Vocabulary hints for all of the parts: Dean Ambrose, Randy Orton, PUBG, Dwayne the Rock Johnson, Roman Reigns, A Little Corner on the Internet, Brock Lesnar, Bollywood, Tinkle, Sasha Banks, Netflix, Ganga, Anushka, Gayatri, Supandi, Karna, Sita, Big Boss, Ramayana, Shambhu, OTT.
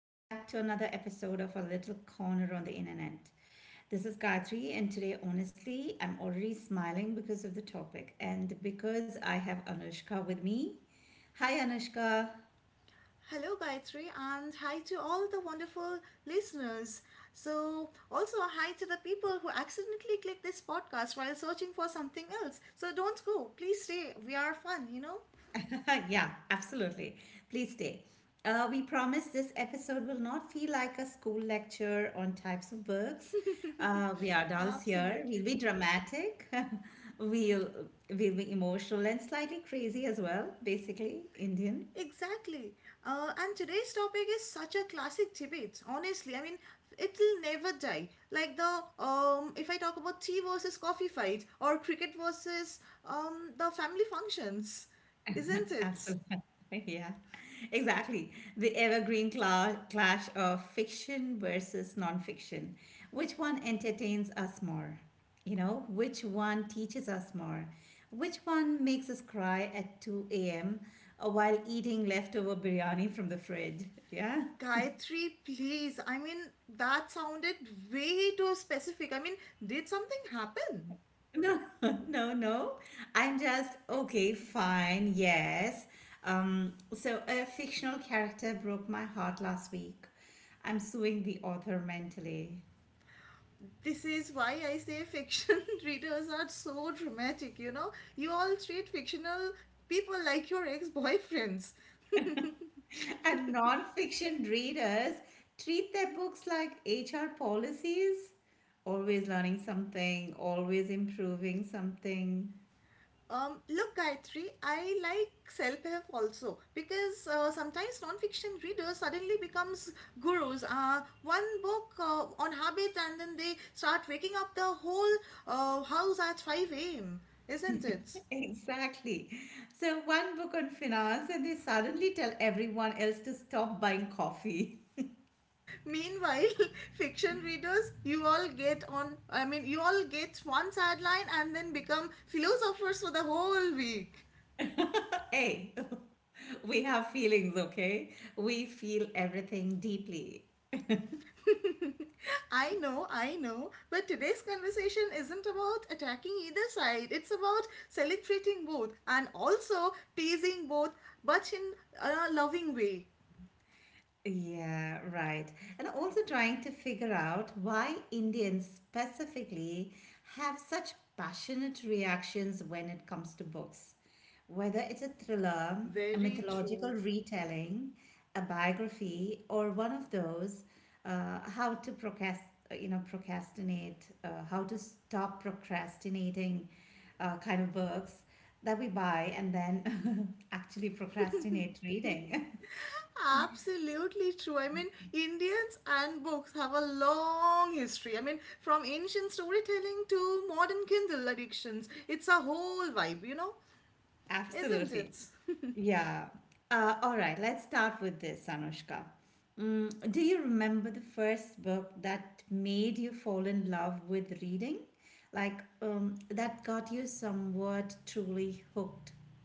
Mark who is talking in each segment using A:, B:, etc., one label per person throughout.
A: welcome back to another episode of A Little Corner on the Internet. This is Gayatri, and today, honestly, I'm already smiling because of the topic and because I have Anushka with me. Hi, Anushka.
B: Hello, Gayatri, and hi to all the wonderful listeners. So, also hi to the people who accidentally click this podcast while searching for something else. So, don't go. Please stay. We are fun?
A: Yeah, absolutely. Please stay. We promise this episode will not feel like a school lecture on types of books. We are adults here. We'll
B: Absolutely.
A: be dramatic. we'll we'll be emotional and slightly crazy as well. Basically, Indian.
B: Exactly. And today's topic is such a classic debate. Honestly, I mean, it'll never die. Like the if I talk about tea versus coffee fight or cricket versus the family functions, isn't it?
A: Absolutely. Yeah, exactly. The evergreen clash of fiction versus nonfiction. Which one entertains us more? You know, which one teaches us more? Which one makes us cry at 2 a.m. while eating leftover biryani from the fridge? Yeah.
B: Gayatri, please. I mean, that sounded way too specific. I mean, did something happen?
A: No, no, no. I'm just okay, fine, yes. So a fictional character broke my heart last week. I'm suing the author mentally.
B: This is why I say fiction readers are so dramatic, you know? You all treat fictional people like your ex boyfriends.
A: And non-fiction readers treat their books like HR policies, always learning something, always improving something.
B: Look, Gayatri, I like self-help also because sometimes non-fiction readers suddenly becomes gurus. One book on habit, and then they start waking up the whole house at 5 a.m. Isn't it?
A: Exactly. So one book on finance, and they suddenly tell everyone else to stop buying coffee.
B: Meanwhile, fiction readers, you all get on. I mean, you all get one sad line and then become philosophers for the whole week.
A: Hey. We have feelings, okay? We feel everything deeply.
B: I know, but today's conversation isn't about attacking either side. It's about celebrating both and also teasing both, but in a loving way.
A: Yeah, right. And also trying to figure out why Indians specifically have such passionate reactions when it comes to books. Whether it's a thriller, a
B: Very
A: mythological
B: true.
A: retelling, a biography, or one of those, how to procrastinate, how to stop procrastinating kind of books that we buy and then actually procrastinate reading.
B: Absolutely true. I mean, Indians and books have a long history. I mean, from ancient storytelling to modern Kindle addictions, it's a whole vibe, you know, isn't
A: Absolutely.
B: it?
A: Yeah. All right, let's start with this, Anushka. Mm, do you remember the first book that made you fall in love with reading? Like, that got you somewhat truly hooked?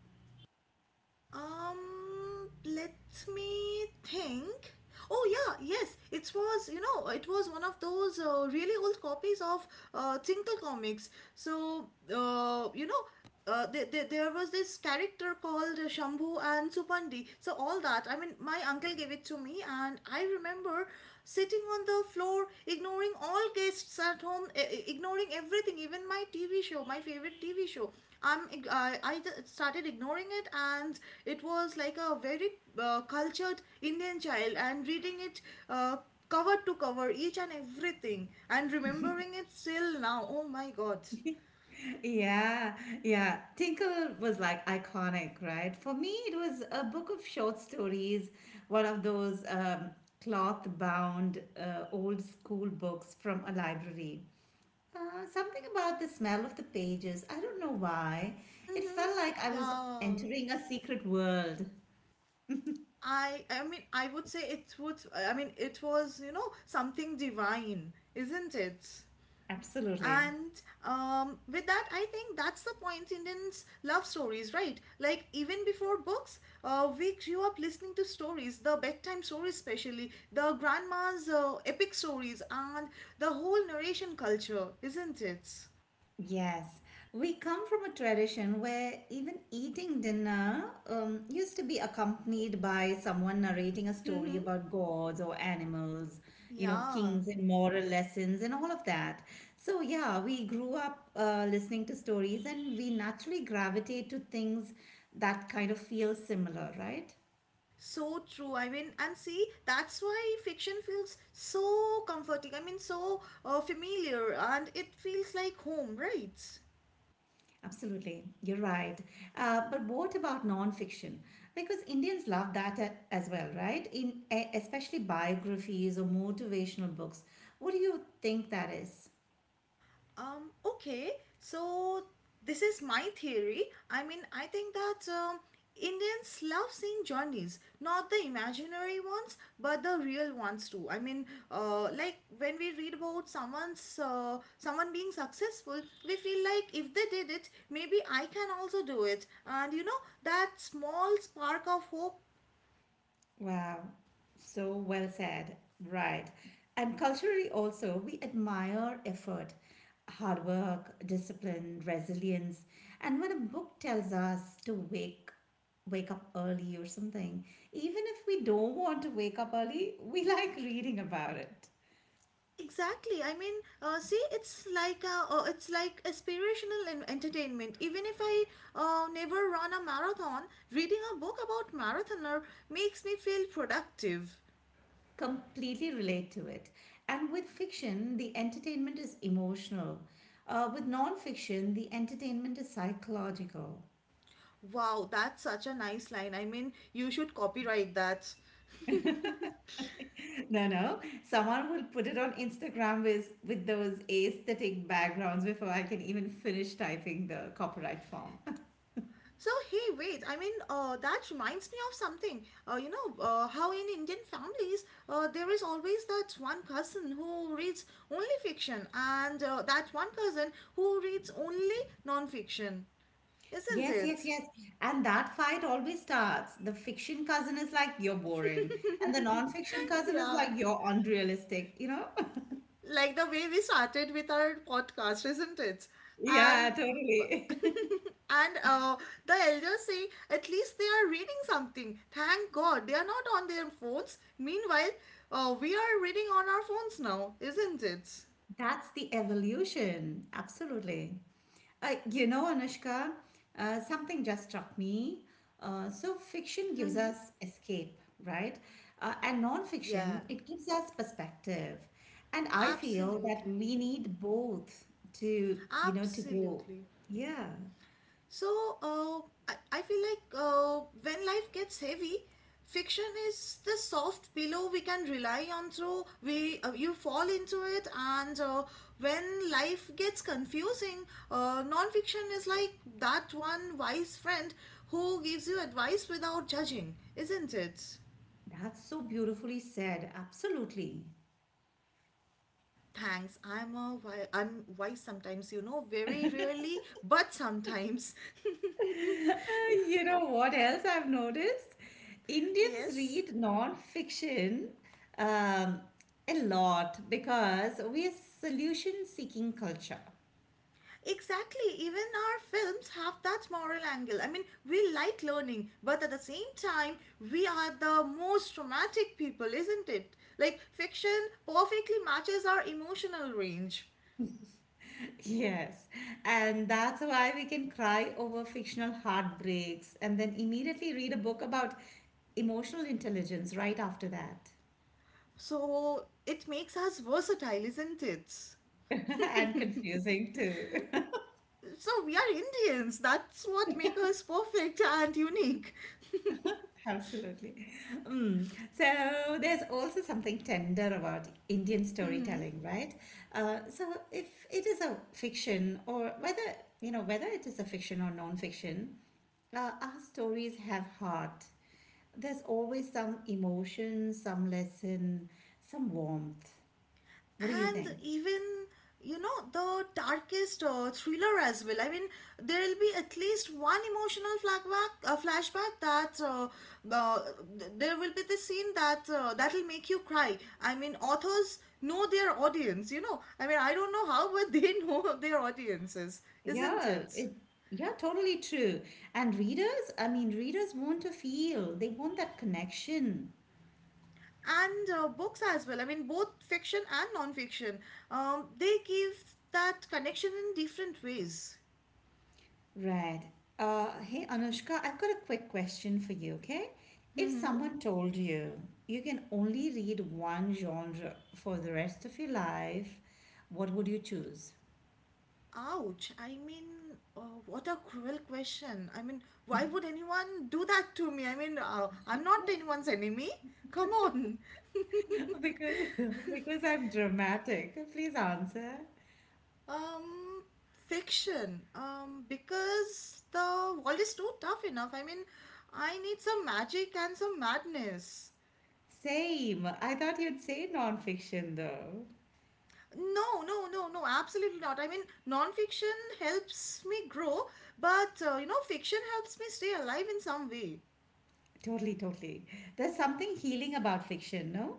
B: Let me think. Oh yeah, yes. It was, you know, it was one of those really old copies of Tinkle comics. So, there was this character called Shambhu and Supandi. So all that, I mean, my uncle gave it to me, and I remember sitting on the floor, ignoring all guests at home, ignoring everything, even my TV show, my favorite TV show. I started ignoring it, and it was like a very cultured Indian child, and reading it uh, cover to cover, each and everything, and remembering it still now. Oh my God.
A: Yeah, yeah. Tinkle was like iconic, right? For me, it was a book of short stories, one of those cloth bound old school books from a library. Something about the smell of the pages. I don't know why. It
B: Mm-hmm.
A: felt like I was
B: Yeah.
A: entering a secret world.
B: I mean I would say it would I mean it was, you know, something divine, isn't it?
A: Absolutely.
B: And with that, I think that's the point. Indians love stories, right? Like, even before books, we grew up listening to stories, the bedtime stories, especially, the grandma's epic stories, and the whole narration culture, isn't it?
A: Yes. We come from a tradition where even eating dinner used to be accompanied by someone narrating a story
B: Mm-hmm.
A: about gods or animals, you know,
B: Yeah.
A: kings and moral lessons and all of that. So, yeah, we grew up listening to stories and we naturally gravitate to things that kind of feel similar, right?
B: So true. I mean, and see, that's why fiction feels so comforting. I mean, so familiar, and it feels like home, right?
A: Absolutely, you're right. But what about non-fiction? Because Indians love that as well, right? In especially biographies or motivational books. What do you think that is?
B: Okay, so this is my theory. I mean, I think that Indians love seeing journeys, not the imaginary ones, but the real ones too. I mean, like when we read about someone being successful, we feel like if they did it, maybe I can also do it. And you know, that small spark of hope.
A: Wow, so well said. Right. And culturally, also, we admire effort, hard work, discipline, resilience. And when a book tells us to wake up early or something, even if we don't want to wake up early, we like reading about it.
B: Exactly. I mean, see, it's like aspirational entertainment. Even if I never run a marathon, reading a book about marathoner makes me feel productive.
A: Completely relate to it. And with fiction, the entertainment is emotional. With non-fiction, the entertainment is psychological.
B: Wow, that's such a nice line. I mean, you should copyright that.
A: No, no. Someone will put it on Instagram with those aesthetic backgrounds before I can even finish typing the copyright form.
B: So hey, wait. I mean, that reminds me of something. How in Indian families there is always that one cousin who reads only fiction, and that one cousin who reads only non-fiction, isn't
A: Yes, yes,
B: it?
A: yes. And that fight always starts. The fiction cousin is like, you're boring. And the non-fiction cousin is like,
B: Yeah.
A: you're unrealistic, you know?
B: Like the way we started with our podcast, isn't it? And
A: Yeah, totally.
B: and the elders say at least they are reading something. Thank God they are not on their phones. Meanwhile, we are reading on our phones now, isn't it?
A: That's the evolution. Absolutely. You know, Anushka, something just struck me. So, fiction gives us escape, right? And non-fiction,
B: Yeah,
A: it gives us perspective. And I feel that we
B: absolutely,
A: need both to, you know, to grow.
B: absolutely.
A: Yeah,
B: So uh, I feel like when life gets heavy, fiction is the soft pillow we can rely on through we you fall into it, and when life gets confusing, non-fiction is like that one wise friend who gives you advice without judging, isn't it?
A: that's so beautifully said. Absolutely.
B: Thanks, I'm wise sometimes, you know, very rarely, but sometimes.
A: You know what else I've noticed? Indians
B: Yes.
A: read non-fiction um, a lot because we're solution-seeking culture.
B: Exactly. Even our films have that moral angle. I mean, we like learning, but at the same time, we are the most traumatic people, isn't it? Like, fiction perfectly matches our emotional range.
A: Yes, and that's why we can cry over fictional heartbreaks and then immediately read a book about emotional intelligence right after that.
B: So, it makes us versatile, isn't it?
A: And confusing too.
B: So, we are Indians. That's what makes us perfect and unique.
A: Absolutely. Mm. So there's also something tender about Indian storytelling, right? So if it is a fiction or whether, you know, whether it is a fiction or non-fiction, our stories have heart. There's always some emotion, some lesson, some warmth. What do you
B: And
A: think?
B: even you know the darkest thriller as well. I mean, there will be at least one emotional flashback uh, there will be this scene that that will make you cry. I mean, authors know their audience, you know. I mean, I don't know how, but they know their audiences, isn't
A: Yeah,
B: it?
A: it, yeah, totally true. And readers, I mean, readers want to feel, they want that connection.
B: And books as well. I mean, both fiction and non-fiction. They give that connection in different ways.
A: Right. Hey, Anushka, I've got a quick question for you, okay? If
B: Hmm.
A: someone told you you can only read one genre for the rest of your life, what would you choose?
B: Ouch. I mean, what a cruel question. I mean, why would anyone do that to me? I mean, I'm not anyone's enemy. Come on.
A: Because because I'm dramatic. Please answer.
B: um, Fiction. Because the world is too tough enough. I mean, I need some magic and some madness.
A: Same. I thought you'd say non-fiction though.
B: No, no, no, no, absolutely not. I mean, non-fiction helps me grow, but you know, fiction helps me stay alive in some way.
A: Totally, totally. There's something healing about fiction, no?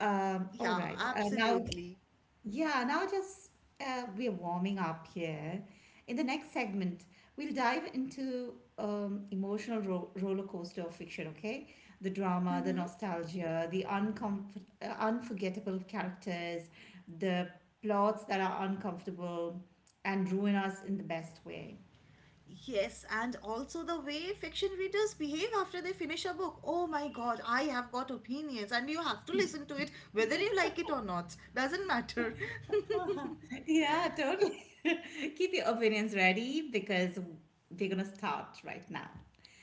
A: All
B: Yeah,
A: right. Now
B: absolutely.
A: Yeah, now just we are warming up here. In the next segment, we'll dive into emotional roller coaster of fiction. Okay, the drama, the nostalgia, the unforgettable characters, the plots that are uncomfortable and ruin us in the best way.
B: Yes, and also the way fiction readers behave after they finish a book. Oh my god, I have got opinions, and you have to listen to it whether you like it or not. Doesn't matter.
A: Yeah, totally. Keep your opinions ready because we're gonna start right now.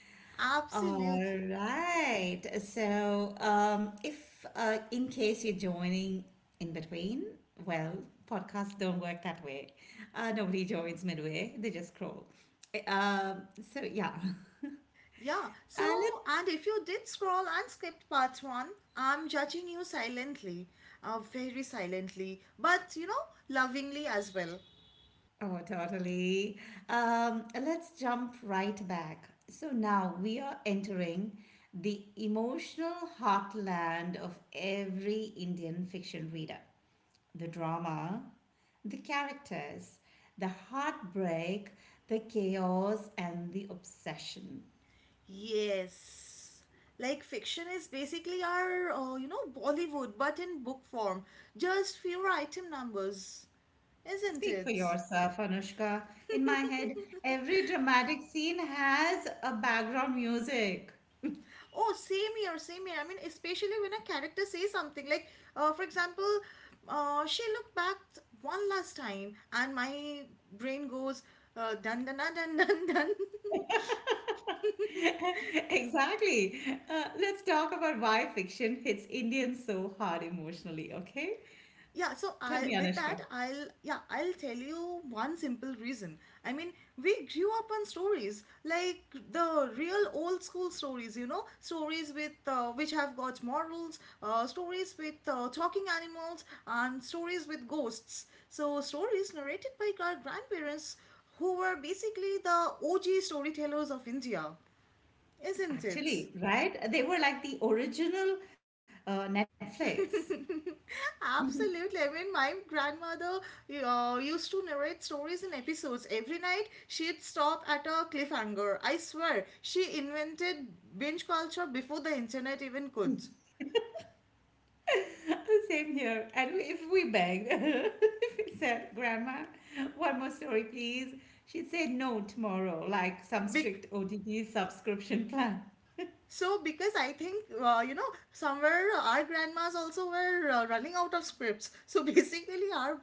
A: All
B: Absolutely.
A: right. So, if in case you're joining in between, well, podcasts don't work that way. Nobody joins midway, they just scroll. Yeah.
B: Yeah, so,
A: Uh, let,
B: and if you did scroll and skipped part one, I'm judging you silently, very silently, but you know, lovingly as well.
A: oh, totally. Let's jump right back. So, now we are entering the emotional heartland of every Indian fiction reader. The drama, the characters, the heartbreak, the chaos, and the obsession.
B: Yes. Like fiction is basically our, you know, Bollywood, but in book form. Just fewer item numbers, isn't
A: Speak for
B: it?
A: yourself, Anushka. In my head, every dramatic scene has a background music.
B: Oh, same here, same here. I mean, especially when a character says something like, for example, she looked back one last time, and my brain goes, dun dun dun dun dun dun.
A: Exactly. Let's talk about why fiction hits Indians so hard emotionally, okay?
B: Yeah, so
A: Tell
B: I
A: me,
B: with that
A: Anushka.
B: I'll yeah, I'll tell you one simple reason. I mean, we grew up on stories like the real old school stories, you know, stories with which have got morals, stories with talking animals and stories with ghosts. So stories narrated by our grandparents who were basically the OG storytellers of India, isn't it?
A: Actually, right? They were like the original Netflix.
B: Absolutely. I mean, my grandmother used to narrate stories in episodes. Every night, she'd stop at a cliffhanger. I swear, she invented binge culture before the internet even could.
A: Same here. If we begged, if we said, Grandma, one more story, please, she'd say no tomorrow, like some
B: Bec-
A: strict OTT subscription plan.
B: So, because I think, you know, somewhere our grandmas also were running out of scripts. So, basically, our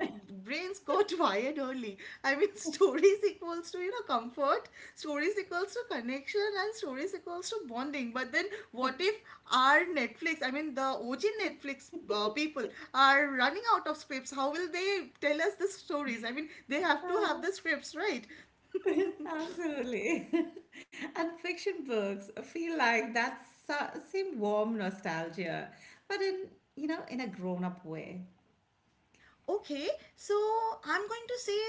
B: brains got wired early. I mean, stories equals to, you know, comfort, stories equals to connection, and stories equals to bonding. But then, what if our Netflix, I mean, the OG Netflix people are running out of scripts? How will they tell us the stories? I mean, they have to have the scripts, right?
A: Absolutely. And fiction books feel like that same warm nostalgia, but in, you know, in a grown-up way.
B: Okay, so I'm going to say,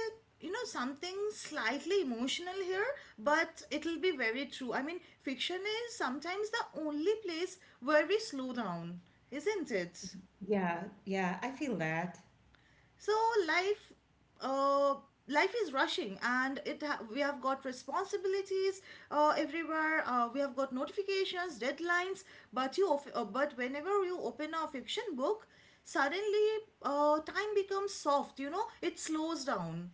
B: you know, something slightly emotional here, but it'll be very true. I mean, fiction is sometimes the only place where we slow down, isn't it?
A: Yeah, yeah, I feel that.
B: So life, uh, life is rushing, and it we have got responsibilities everywhere. We have got notifications, deadlines, but but whenever you open a fiction book, suddenly time becomes soft. You know, it slows down.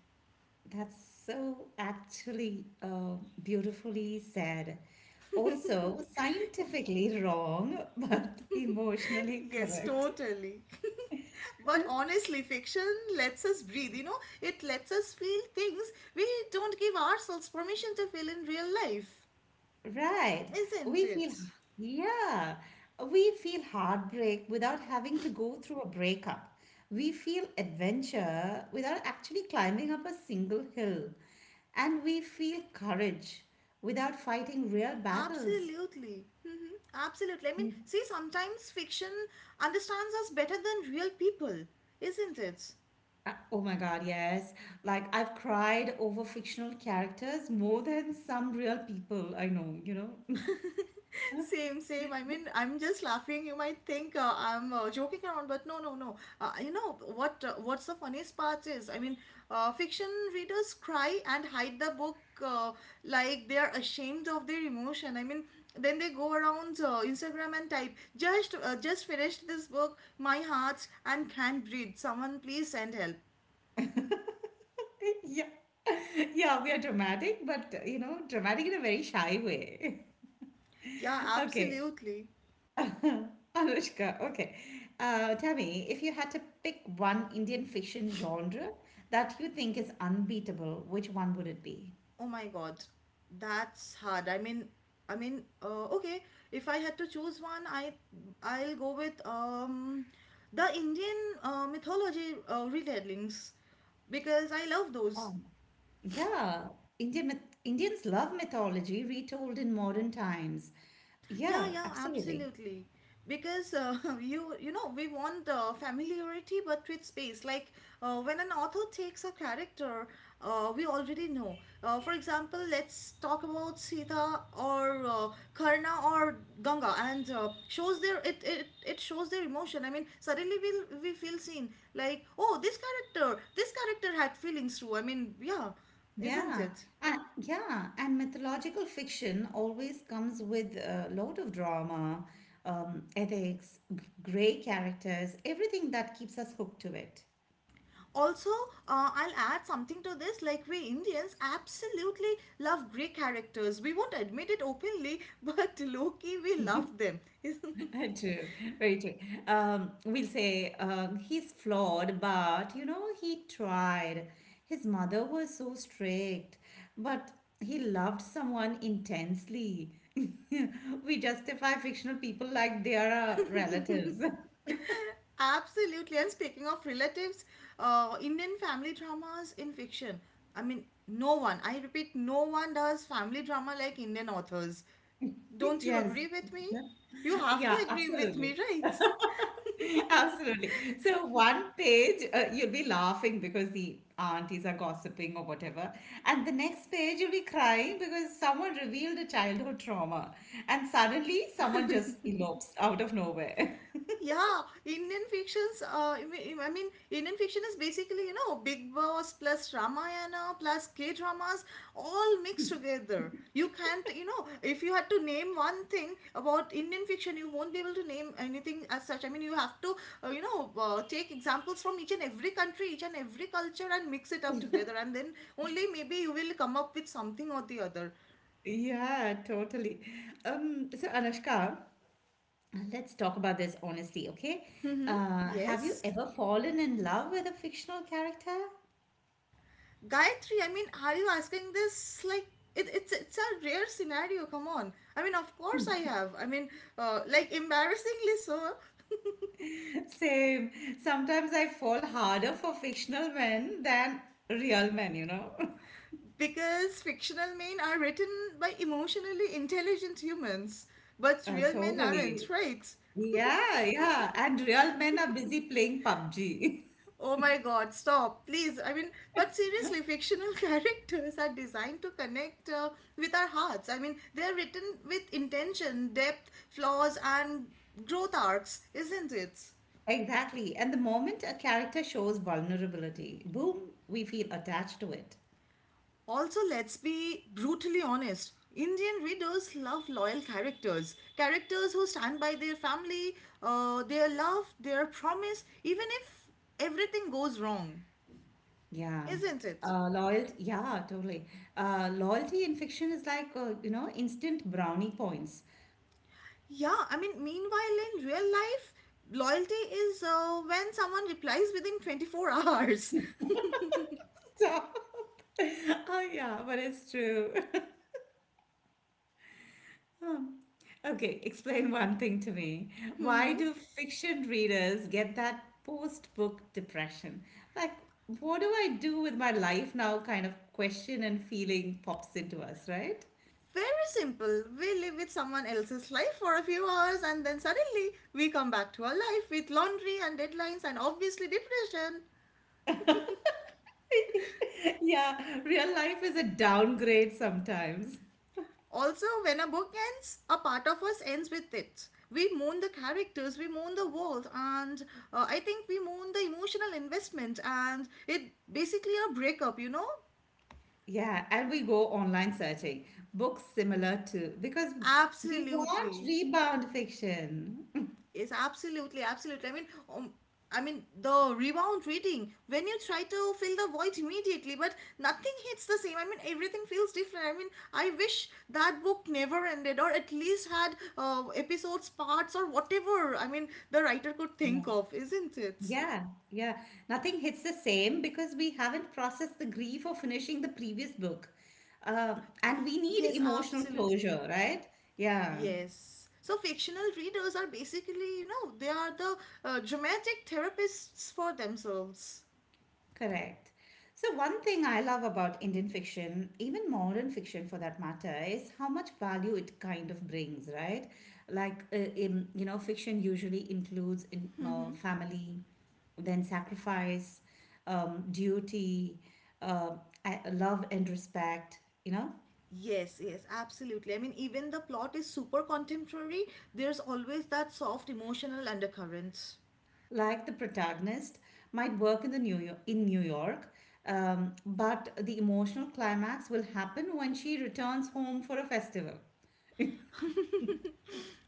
A: That's so actually beautifully said. Also, scientifically wrong, but emotionally
B: Yes,
A: correct.
B: totally. But honestly, fiction lets us breathe, you know, it lets us feel things we don't give ourselves permission to feel in real life,
A: Right.
B: isn't
A: We feel,
B: it?
A: yeah, we feel heartbreak without having to go through a breakup. We feel adventure without actually climbing up a single hill. And we feel courage without fighting real battles.
B: Absolutely. Hmm. Absolutely. I mean, see, sometimes fiction understands us better than real people, isn't it?
A: Oh my God, yes. Like I've cried over fictional characters more than some real people I know, you know.
B: Same, same. I mean, I'm just laughing. You might think I'm joking around, but no, no, no. You know what? What's the funniest part is, I mean, fiction readers cry and hide the book uh, like they are ashamed of their emotion. I mean, then they go around Instagram and type, just finished this book. My heart and can't breathe. Someone please send help."
A: Yeah, yeah, we are dramatic, but you know, dramatic in a very shy way.
B: Yeah,
A: Okay.
B: absolutely.
A: Anushka, okay. Tell me, if you had to pick one Indian fiction genre that you think is unbeatable, which one would it be?
B: Oh my God, that's hard. I mean, okay. If I had to choose one, I'll go with the Indian mythology retellings because I love those.
A: Oh, yeah. Indians love mythology retold in modern times.
B: Yeah,
A: Yeah,
B: yeah,
A: absolutely.
B: absolutely. Because you know we want familiarity but with space. Like when an author takes a character, we already know. For example, let's talk about Sita or Karna or Ganga, and shows their it, it it shows their emotion. I mean, suddenly we feel seen. Like oh, this character had feelings too. I mean, yeah, isn't
A: Yeah,
B: it?
A: yeah, and mythological fiction always comes with a load of drama, ethics, gray characters, everything that keeps us hooked to it.
B: Also, I'll add something to this. Like, we Indians absolutely love gray characters. We won't admit it openly, but low-key we love them.
A: True, very true. We'll say he's flawed, but you know, he tried. His mother was so strict, but he loved someone intensely. We justify fictional people like they are our relatives.
B: Absolutely. And speaking of relatives, Indian family dramas in fiction, I mean, no one, I repeat, no one does family drama like Indian authors. Don't you
A: Yes.
B: agree with me? You have to
A: Yeah,
B: agree with me,
A: absolutely.
B: right?
A: Absolutely. So one page, you'll be laughing because the aunties are gossiping or whatever. And the next page, you'll be crying because someone revealed a childhood trauma. And suddenly, someone just elopes out of nowhere.
B: Yeah, Indian fictions. Indian fiction is basically, you know, Big Boss plus Ramayana plus K dramas all mixed together. You can't, you know, if you had to name one thing about Indian fiction, you won't be able to name anything as such. I mean, you have to you know, take examples from each and every country, each and every culture, and mix it up together, and then only maybe you will come up with something or the other.
A: Yeah, totally. So Anushka, let's talk about this honestly, okay?
B: Mm-hmm.
A: Have you
B: Yes.
A: ever fallen in love with a fictional character?
B: Gayatri, I mean, are you asking this? Like, it's a rare scenario. Come on. I mean, of course I have. I mean, like embarrassingly so,
A: Same. Sometimes I fall harder for fictional men than real men, you know?
B: because fictional men are written by emotionally intelligent humans, but
A: Oh,
B: real men
A: totally.
B: aren't, right?
A: Yeah, yeah. And real men are busy playing PUBG.
B: Oh my God! Stop, please. I mean, but seriously, fictional characters are designed to connect with our hearts. I mean, they are written with intention, depth, flaws, and growth arcs, isn't it?
A: Exactly. And the moment a character shows vulnerability, boom, we feel attached to it.
B: Also, let's be brutally honest. Indian readers love loyal characters, characters who stand by their family, their love, their promise, even if everything goes wrong,
A: Yeah.
B: isn't it?
A: Yeah, totally. Loyalty in fiction is like, you know, instant brownie points.
B: Yeah, I mean, meanwhile, in real life, loyalty is when someone replies within 24 hours.
A: Stop. Oh, yeah, but it's true. Hmm. Okay, explain one thing to me. Why
B: Mhm.
A: do fiction readers get that post-book depression? Like, what do I do with my life now? Kind of question and feeling pops into us, right?
B: Very simple. We live with someone else's life for a few hours, and then suddenly we come back to our life with laundry and deadlines and obviously depression.
A: Yeah, real life is a downgrade sometimes.
B: Also, when a book ends, a part of us ends with it. We mourn the characters, we mourn the world, and I think we mourn the emotional investment, and it basically a breakup, you know?
A: Yeah, and we go online searching books similar to because we want
B: Absolutely.
A: rebound fiction.
B: Yes, absolutely, absolutely. Um, I mean the rebound reading, when you try to fill the void immediately, but nothing hits the same. I mean, everything feels different. I mean, I wish that book never ended, or at least had episodes, parts, or whatever. I mean, the writer could think of, isn't it?
A: Yeah, yeah. Nothing hits the same because we haven't processed the grief of finishing the previous book. And
B: Y-
A: we need
B: Yes,
A: emotional
B: absolutely.
A: closure, right? Yeah,
B: Yes. So fictional readers are basically, you know, they are the dramatic therapists for themselves.
A: correct. So, one thing I love about Indian fiction, even modern fiction for that matter, is how much value it kind of brings, right? Like, you know, fiction usually includes family, then sacrifice, duty, uh, love and respect, you know?
B: Yes, yes, absolutely. I mean, even the plot is super contemporary, there's always that soft emotional undercurrent.
A: Like the protagonist, might work in New York, but the emotional climax will happen when she returns home for a festival.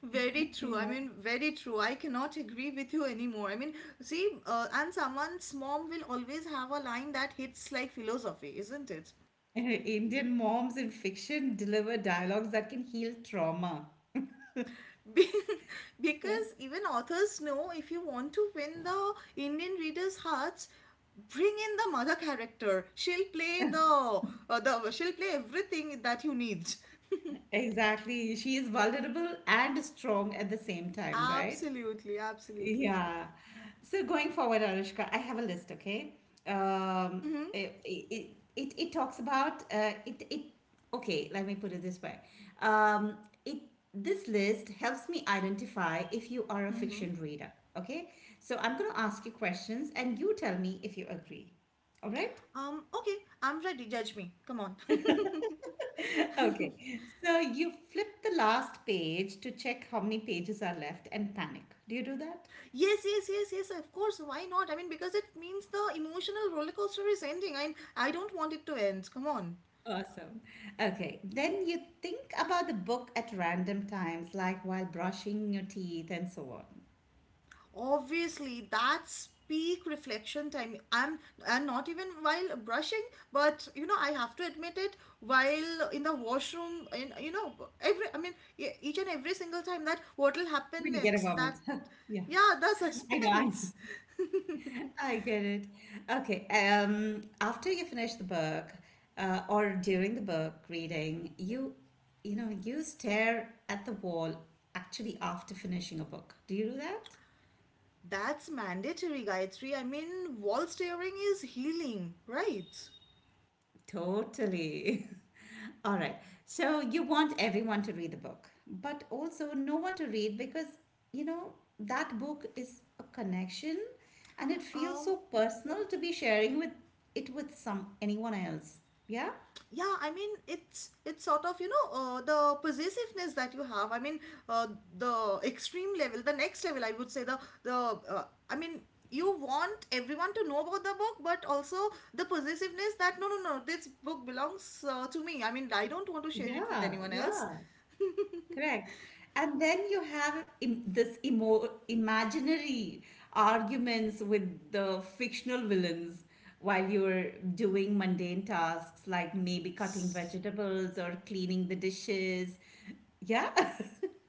B: Very true. I
A: Yeah.
B: mean, very true. I cannot agree with you anymore. I mean, see, and someone's mom will always have a line that hits like philosophy, isn't it?
A: Indian moms in fiction deliver dialogues that can heal trauma.
B: Be- because even authors know, if you want to win the Indian readers' hearts, bring in the mother character. She'll play the, she'll play everything that you need.
A: Exactly. She is vulnerable and strong at the same time, right?
B: Absolutely, absolutely.
A: Yeah. So going forward, Anushka, I have a list, okay? Um,
B: Mm-hmm.
A: it, it, it, it talks about it, it Okay, let me put it this way. Um, it This list helps me identify if you are a
B: Mm-hmm.
A: fiction reader, okay? So I'm gonna ask you questions and you tell me if you agree. All right?
B: Okay, I'm ready. Judge me. Come on.
A: Okay. So you flip the last page to check how many pages are left and panic. Do you do that?
B: Yes, yes, yes, yes. Of course. Why not? I mean, because it means the emotional roller coaster is ending. I don't want it to end. Come on.
A: Awesome. Okay, then you think about the book at random times, like while brushing your teeth and so on.
B: Obviously that's peak reflection time. I'm and not even while brushing, but you know, I have to admit it, while in the washroom, in, you know, every, I mean, each and every single time, that what will happen
A: When you get a
B: next, that
A: moment. Yeah,
B: yeah, the
A: I know, I know.
B: suspense.
A: I get it. Okay, after you finish the book, or during the book reading, you know, you stare at the wall actually after finishing a book. Do you do that?
B: That's mandatory, Gayatri. I mean, wall staring is healing, right?
A: Totally. All right. So you want everyone to read the book, but also no one to read because, you know, that book is a connection and it feels
B: um
A: so personal to be sharing with it with some anyone else. Yeah?
B: yeah, I mean, it's sort of, you know, the possessiveness that you have, I mean, uh, the extreme level, the next level I would say, the I mean, you want everyone to know about the book, but also the possessiveness that no, no, no, this book belongs to me, I mean, I don't want to share it with
A: Yeah,
B: anyone else.
A: yeah. Correct. And then you have imaginary arguments with the fictional villains while you're doing mundane tasks like maybe cutting
B: S-
A: vegetables or cleaning the dishes. Yeah.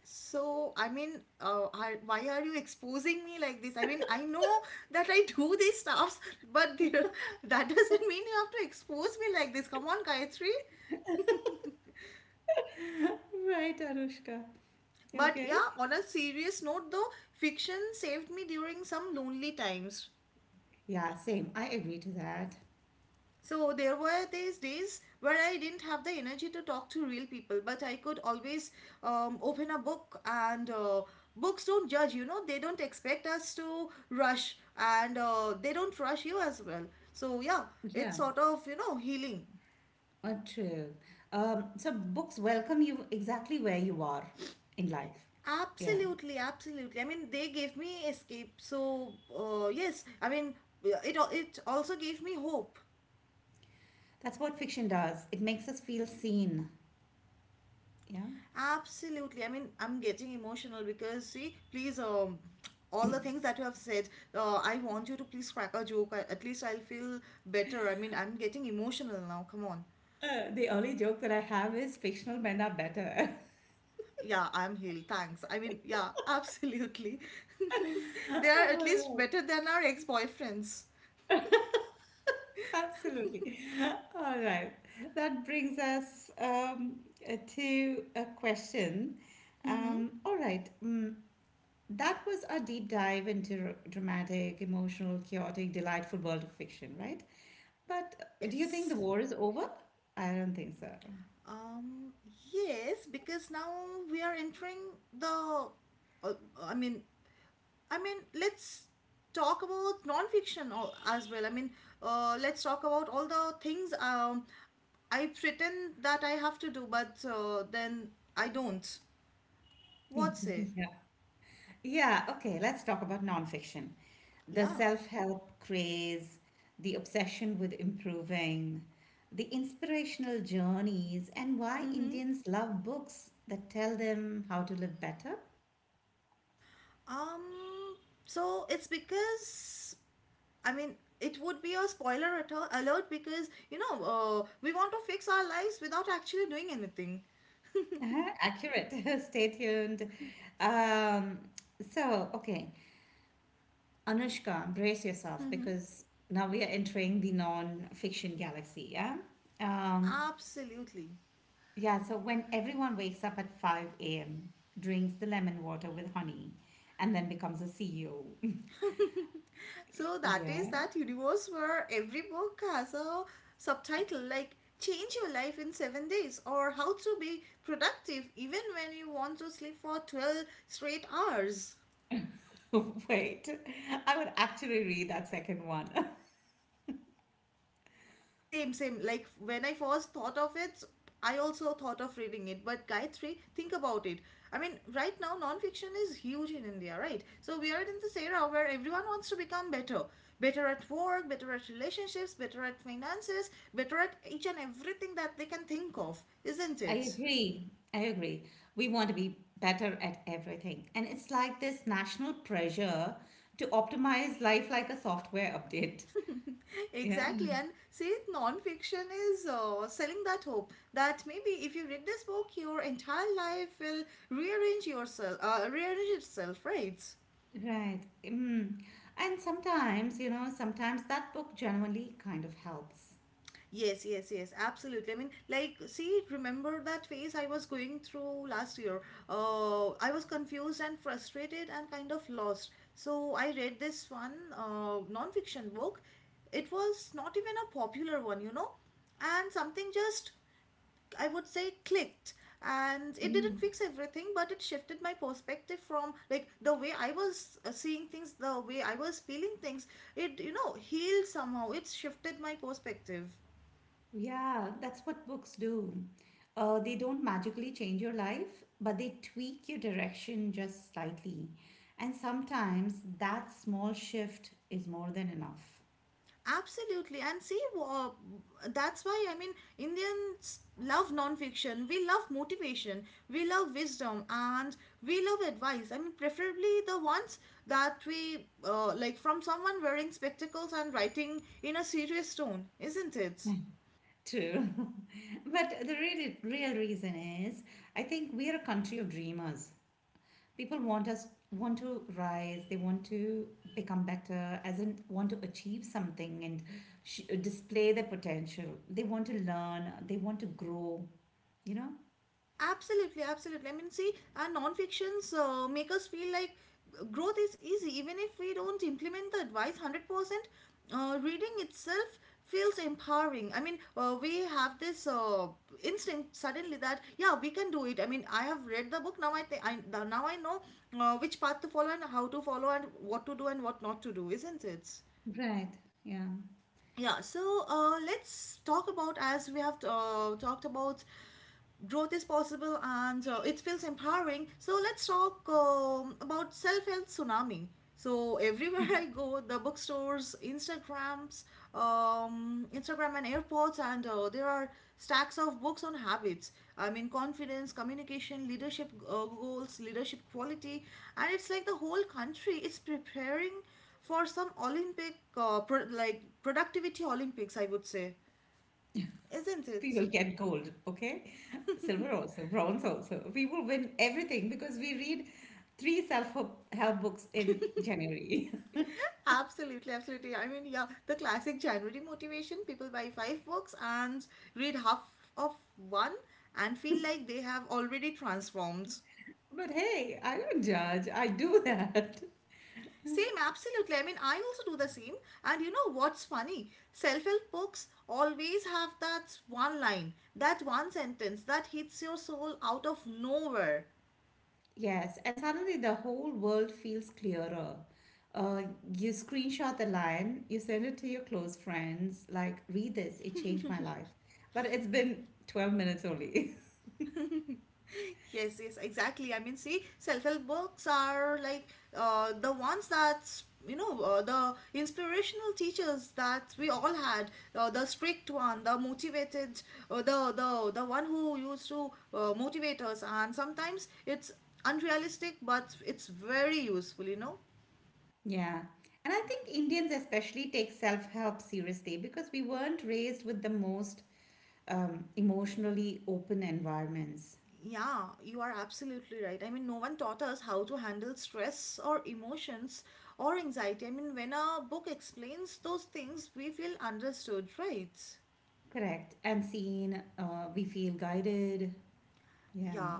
B: so I mean, why are you exposing me like this? I mean, I know that I do these stuffs, but that doesn't mean you have to expose me like this. Come on, Gayatri.
A: Right, Anushka.
B: But
A: Okay.
B: yeah, on a serious note though, fiction saved me during some lonely times.
A: Yeah, same. I agree to that.
B: So there were these days where I didn't have the energy to talk to real people, but I could always open a book, and books don't judge, you know, they don't expect us to rush, and they don't rush you as well. So yeah,
A: Yeah,
B: it's sort of, you know, healing.
A: true. So books welcome you exactly where you are in life. Yeah.
B: Absolutely, absolutely. I mean, they gave me escape. So, yes, I mean, it also gave me hope.
A: That's what fiction does. It makes us feel seen. Yeah.
B: Absolutely. I mean, I'm getting emotional because, see, please, all the things that you have said, I want you to please crack a joke. I, at least I'll feel better. I mean, I'm getting emotional now. Come on.
A: The only joke that I have is fictional men are better.
B: Yeah, I'm healed. Thanks. I mean, yeah, absolutely. They are at
A: All
B: least
A: right.
B: better than our ex-boyfriends.
A: Absolutely. All right. That brings us to a question.
B: Mm-hmm.
A: All right. Mm, that was our deep dive into dramatic, emotional, chaotic, delightful world of fiction, right? But do you think the
B: Yes.
A: war is over? I don't think so.
B: Um, yes, because now we are entering the, uh, I mean, I mean, let's talk about non-fiction as well. I mean, let's talk about all the things I pretend that I have to do, but then I don't. What say?
A: Yeah. Yeah, okay, let's talk about nonfiction. The
B: Yeah.
A: self-help craze, the obsession with improving, the inspirational journeys, and why
B: Mm-hmm.
A: Indians love books that tell them how to live better.
B: Um. So it's because, I mean, it would be a spoiler alert, because you know, we want to fix our lives without actually doing anything.
A: Uh-huh, accurate. Stay tuned. Um, okay, Anushka, brace yourself
B: Mm-hmm.
A: because now we are entering the non-fiction galaxy, yeah? Um,
B: Absolutely.
A: yeah, so when everyone wakes up at 5 a.m., drinks the lemon water with honey, and then becomes a CEO.
B: So that is
A: Yeah.
B: that universe where every book has a subtitle like Change Your Life in 7 Days or How to Be Productive Even When You Want to Sleep for 12 Straight Hours.
A: Wait, I would actually read that second one.
B: Same, same. Like when I first thought of it, I also thought of reading it. But Gayatri, think about it. I mean, right now, nonfiction is huge in India, right? So we are in this era where everyone wants to become better. Better at work, better at relationships, better at finances, better at each and everything that they can think of, isn't
A: I
B: it?
A: agree. I agree. We want to be better at everything. And it's like this national pressure to optimize life like a software update. Yeah.
B: Exactly, and see, non-fiction is selling that hope that maybe if you read this book, your entire life will rearrange yourself, rearrange itself, right?
A: Right. Mm. And sometimes, you know, sometimes that book genuinely kind of helps.
B: Yes, yes, yes, absolutely. I mean, like, see, remember that phase I was going through last year? I was confused and frustrated and kind of lost. So I read this one non-fiction book. It was not even a popular one, you know, and something just, I would say, clicked. And it didn't fix everything, but it shifted my perspective from like the way I was seeing things, the way I was feeling things. It, you know, healed somehow. It shifted my perspective.
A: Yeah, that's what books do. They don't magically change your life, but they tweak your direction just slightly. And sometimes that small shift is more than enough.
B: Absolutely. And see, that's why, I mean, Indians love non-fiction. We love motivation. We love wisdom, and we love advice. I mean, preferably the ones that we like from someone wearing spectacles and writing in a serious tone, isn't it?
A: True. But the real, real reason is I think we are a country of dreamers. People want us want to rise, they want to become better, as in want to achieve something and display their potential. They want to learn, they want to grow, you know?
B: Absolutely, absolutely. I mean, see, non-fictions make us feel like growth is easy, even if we don't implement the advice 100%. Reading itself feels empowering. I mean, we have this instinct suddenly that yeah, we can do it. I mean, I have read the book now. I think I now I know which path to follow and how to follow and what to do and what not to do, isn't it?
A: Right. Yeah.
B: Yeah, so let's talk about, as we have talked about, growth is possible, and it feels empowering. So let's talk about self help tsunami. So everywhere I go, the bookstores, Instagrams, Instagram and airports, and there are stacks of books on habits. I mean, confidence, communication, leadership goals, leadership quality, and it's like the whole country is preparing for some Olympic, like productivity Olympics, I would say, isn't
A: We
B: it?
A: will get gold, okay? Silver also, bronze also. We will win everything because we read three self-help help books in January.
B: Absolutely, absolutely. I mean, yeah, the classic January motivation, people buy five books and read half of one and feel like they have already transformed.
A: But hey, I don't judge. I do that.
B: Same, absolutely. I mean, I also do the same. And you know what's funny? Self help books always have that one line, that one sentence that hits your soul out of nowhere.
A: Yes, and suddenly the whole world feels clearer. Uh, you screenshot the line, you send it to your close friends, like, read this, it changed my life. But it's been 12 minutes only.
B: Yes, yes, exactly. I mean, see, self-help books are like the ones that, you know, the inspirational teachers that we all had, the strict one, the motivated, uh, the one who used to motivate us, and sometimes it's unrealistic, but it's very useful, you know.
A: Yeah. And I think Indians especially take self-help seriously because we weren't raised with the most emotionally open environments.
B: Yeah, you are absolutely right. I mean, no one taught us how to handle stress or emotions or anxiety. I mean, when a book explains those things, we feel understood, right?
A: Correct. And seen, we feel guided. Yeah.
B: Yeah.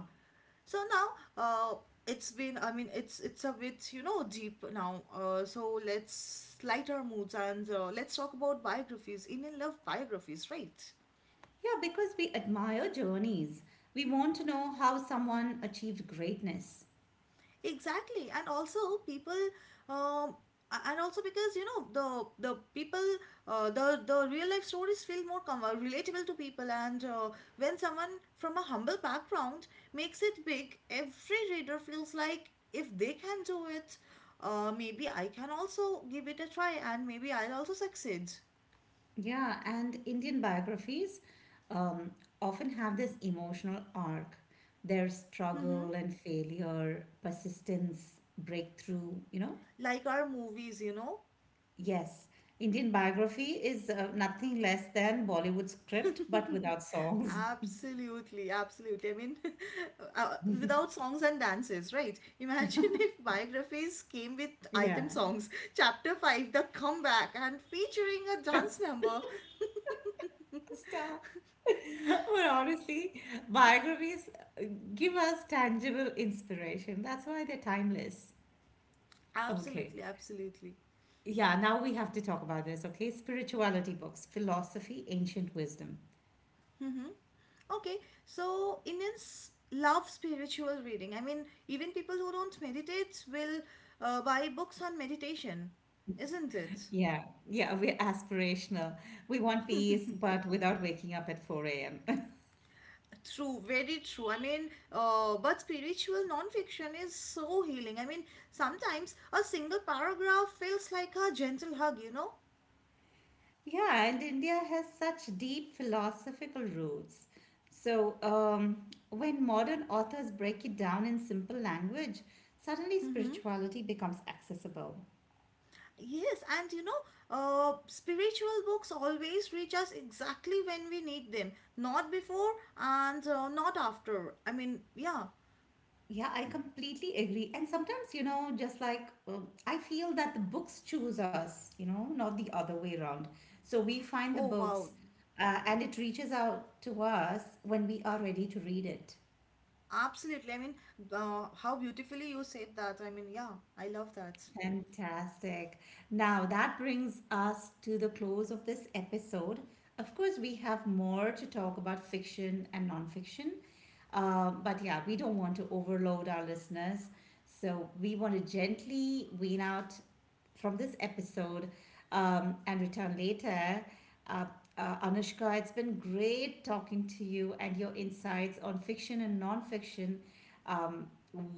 B: So now, uh, it's been, I mean, it's a bit, you know, deep now. So let's light our moods, and let's talk about biographies. Indian love biographies, right?
A: Yeah, because we admire journeys. We want to know how someone achieved greatness.
B: Exactly, and also people, um, and also because, you know, the people, uh, the real life stories feel more relatable to people, and when someone from a humble background makes it big, every reader feels like if they can do it, maybe I can also give it a try, and maybe I'll also succeed.
A: Yeah, and Indian biographies um, often have this emotional arc, their
B: Mm-hmm.
A: struggle and failure, persistence, breakthrough, you know?
B: Like our movies, you know.
A: Yes, Indian biography is nothing less than Bollywood script, but without songs.
B: Absolutely, absolutely. I mean, without songs and dances, right? Imagine if biographies came with
A: Yeah,
B: item songs. Chapter 5, The Comeback, and featuring a dance number.
A: stop. But honestly, biographies uh, give us tangible inspiration. That's why they're timeless. Okay.
B: Absolutely, absolutely.
A: Yeah, now we have to talk about this, okay? Spirituality books, philosophy, ancient wisdom.
B: Mm-hmm. Okay, so Indians love spiritual reading. I mean, even people who don't meditate will buy books on meditation, isn't it?
A: Yeah, yeah, we're aspirational. We want peace, but without waking up at 4 a.m.
B: True, very true. I mean, but spiritual non-fiction is so healing. I mean, sometimes a single paragraph feels like a gentle hug, you know?
A: Yeah, and India has such deep philosophical roots. So, when modern authors break it down in simple language, suddenly
B: Mm-hmm.
A: spirituality becomes accessible.
B: Yes, and you know, spiritual books always reach us exactly when we need them, not before, and not after. I mean, yeah.
A: Yeah, I completely agree. And sometimes, you know, just like I feel that the books choose us, you know, not the other way around. So, we find the
B: Oh, wow.
A: books and it reaches out to us when we are ready to read it.
B: Absolutely. I mean, how beautifully you said that. I mean, yeah, I love that.
A: Fantastic. Now that brings us to the close of this episode. Of course, we have more to talk about fiction and nonfiction, but yeah, we don't want to overload our listeners. So we want to gently wean out from this episode and return later. Uh, Anushka, it's been great talking to you, and your insights on fiction and nonfiction um,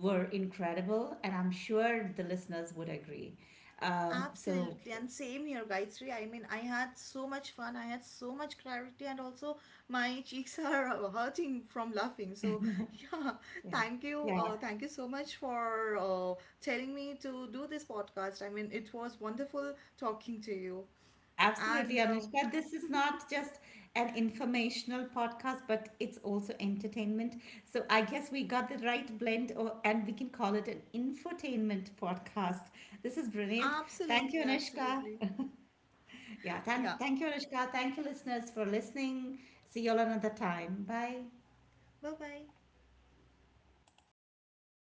A: were incredible, and I'm sure the listeners would agree. So,
B: Absolutely, and same here, Gayatri. I mean, I had so much fun, I had so much clarity, and also my cheeks are hurting from laughing. So, yeah,
A: yeah,
B: thank you so much for telling me to do this podcast. I mean, it was wonderful talking to you,
A: absolutely,
B: and
A: Anushka. This is not just an informational podcast, but it's also entertainment. So I guess we got the right blend, or, and we can call it an infotainment podcast. This is brilliant. Thank you,
B: absolutely,
A: Anushka.
B: absolutely,
A: Yeah,
B: yeah.
A: thank you, Anushka. Thank you, listeners, for listening. See you all another time. Bye.
B: Bye bye.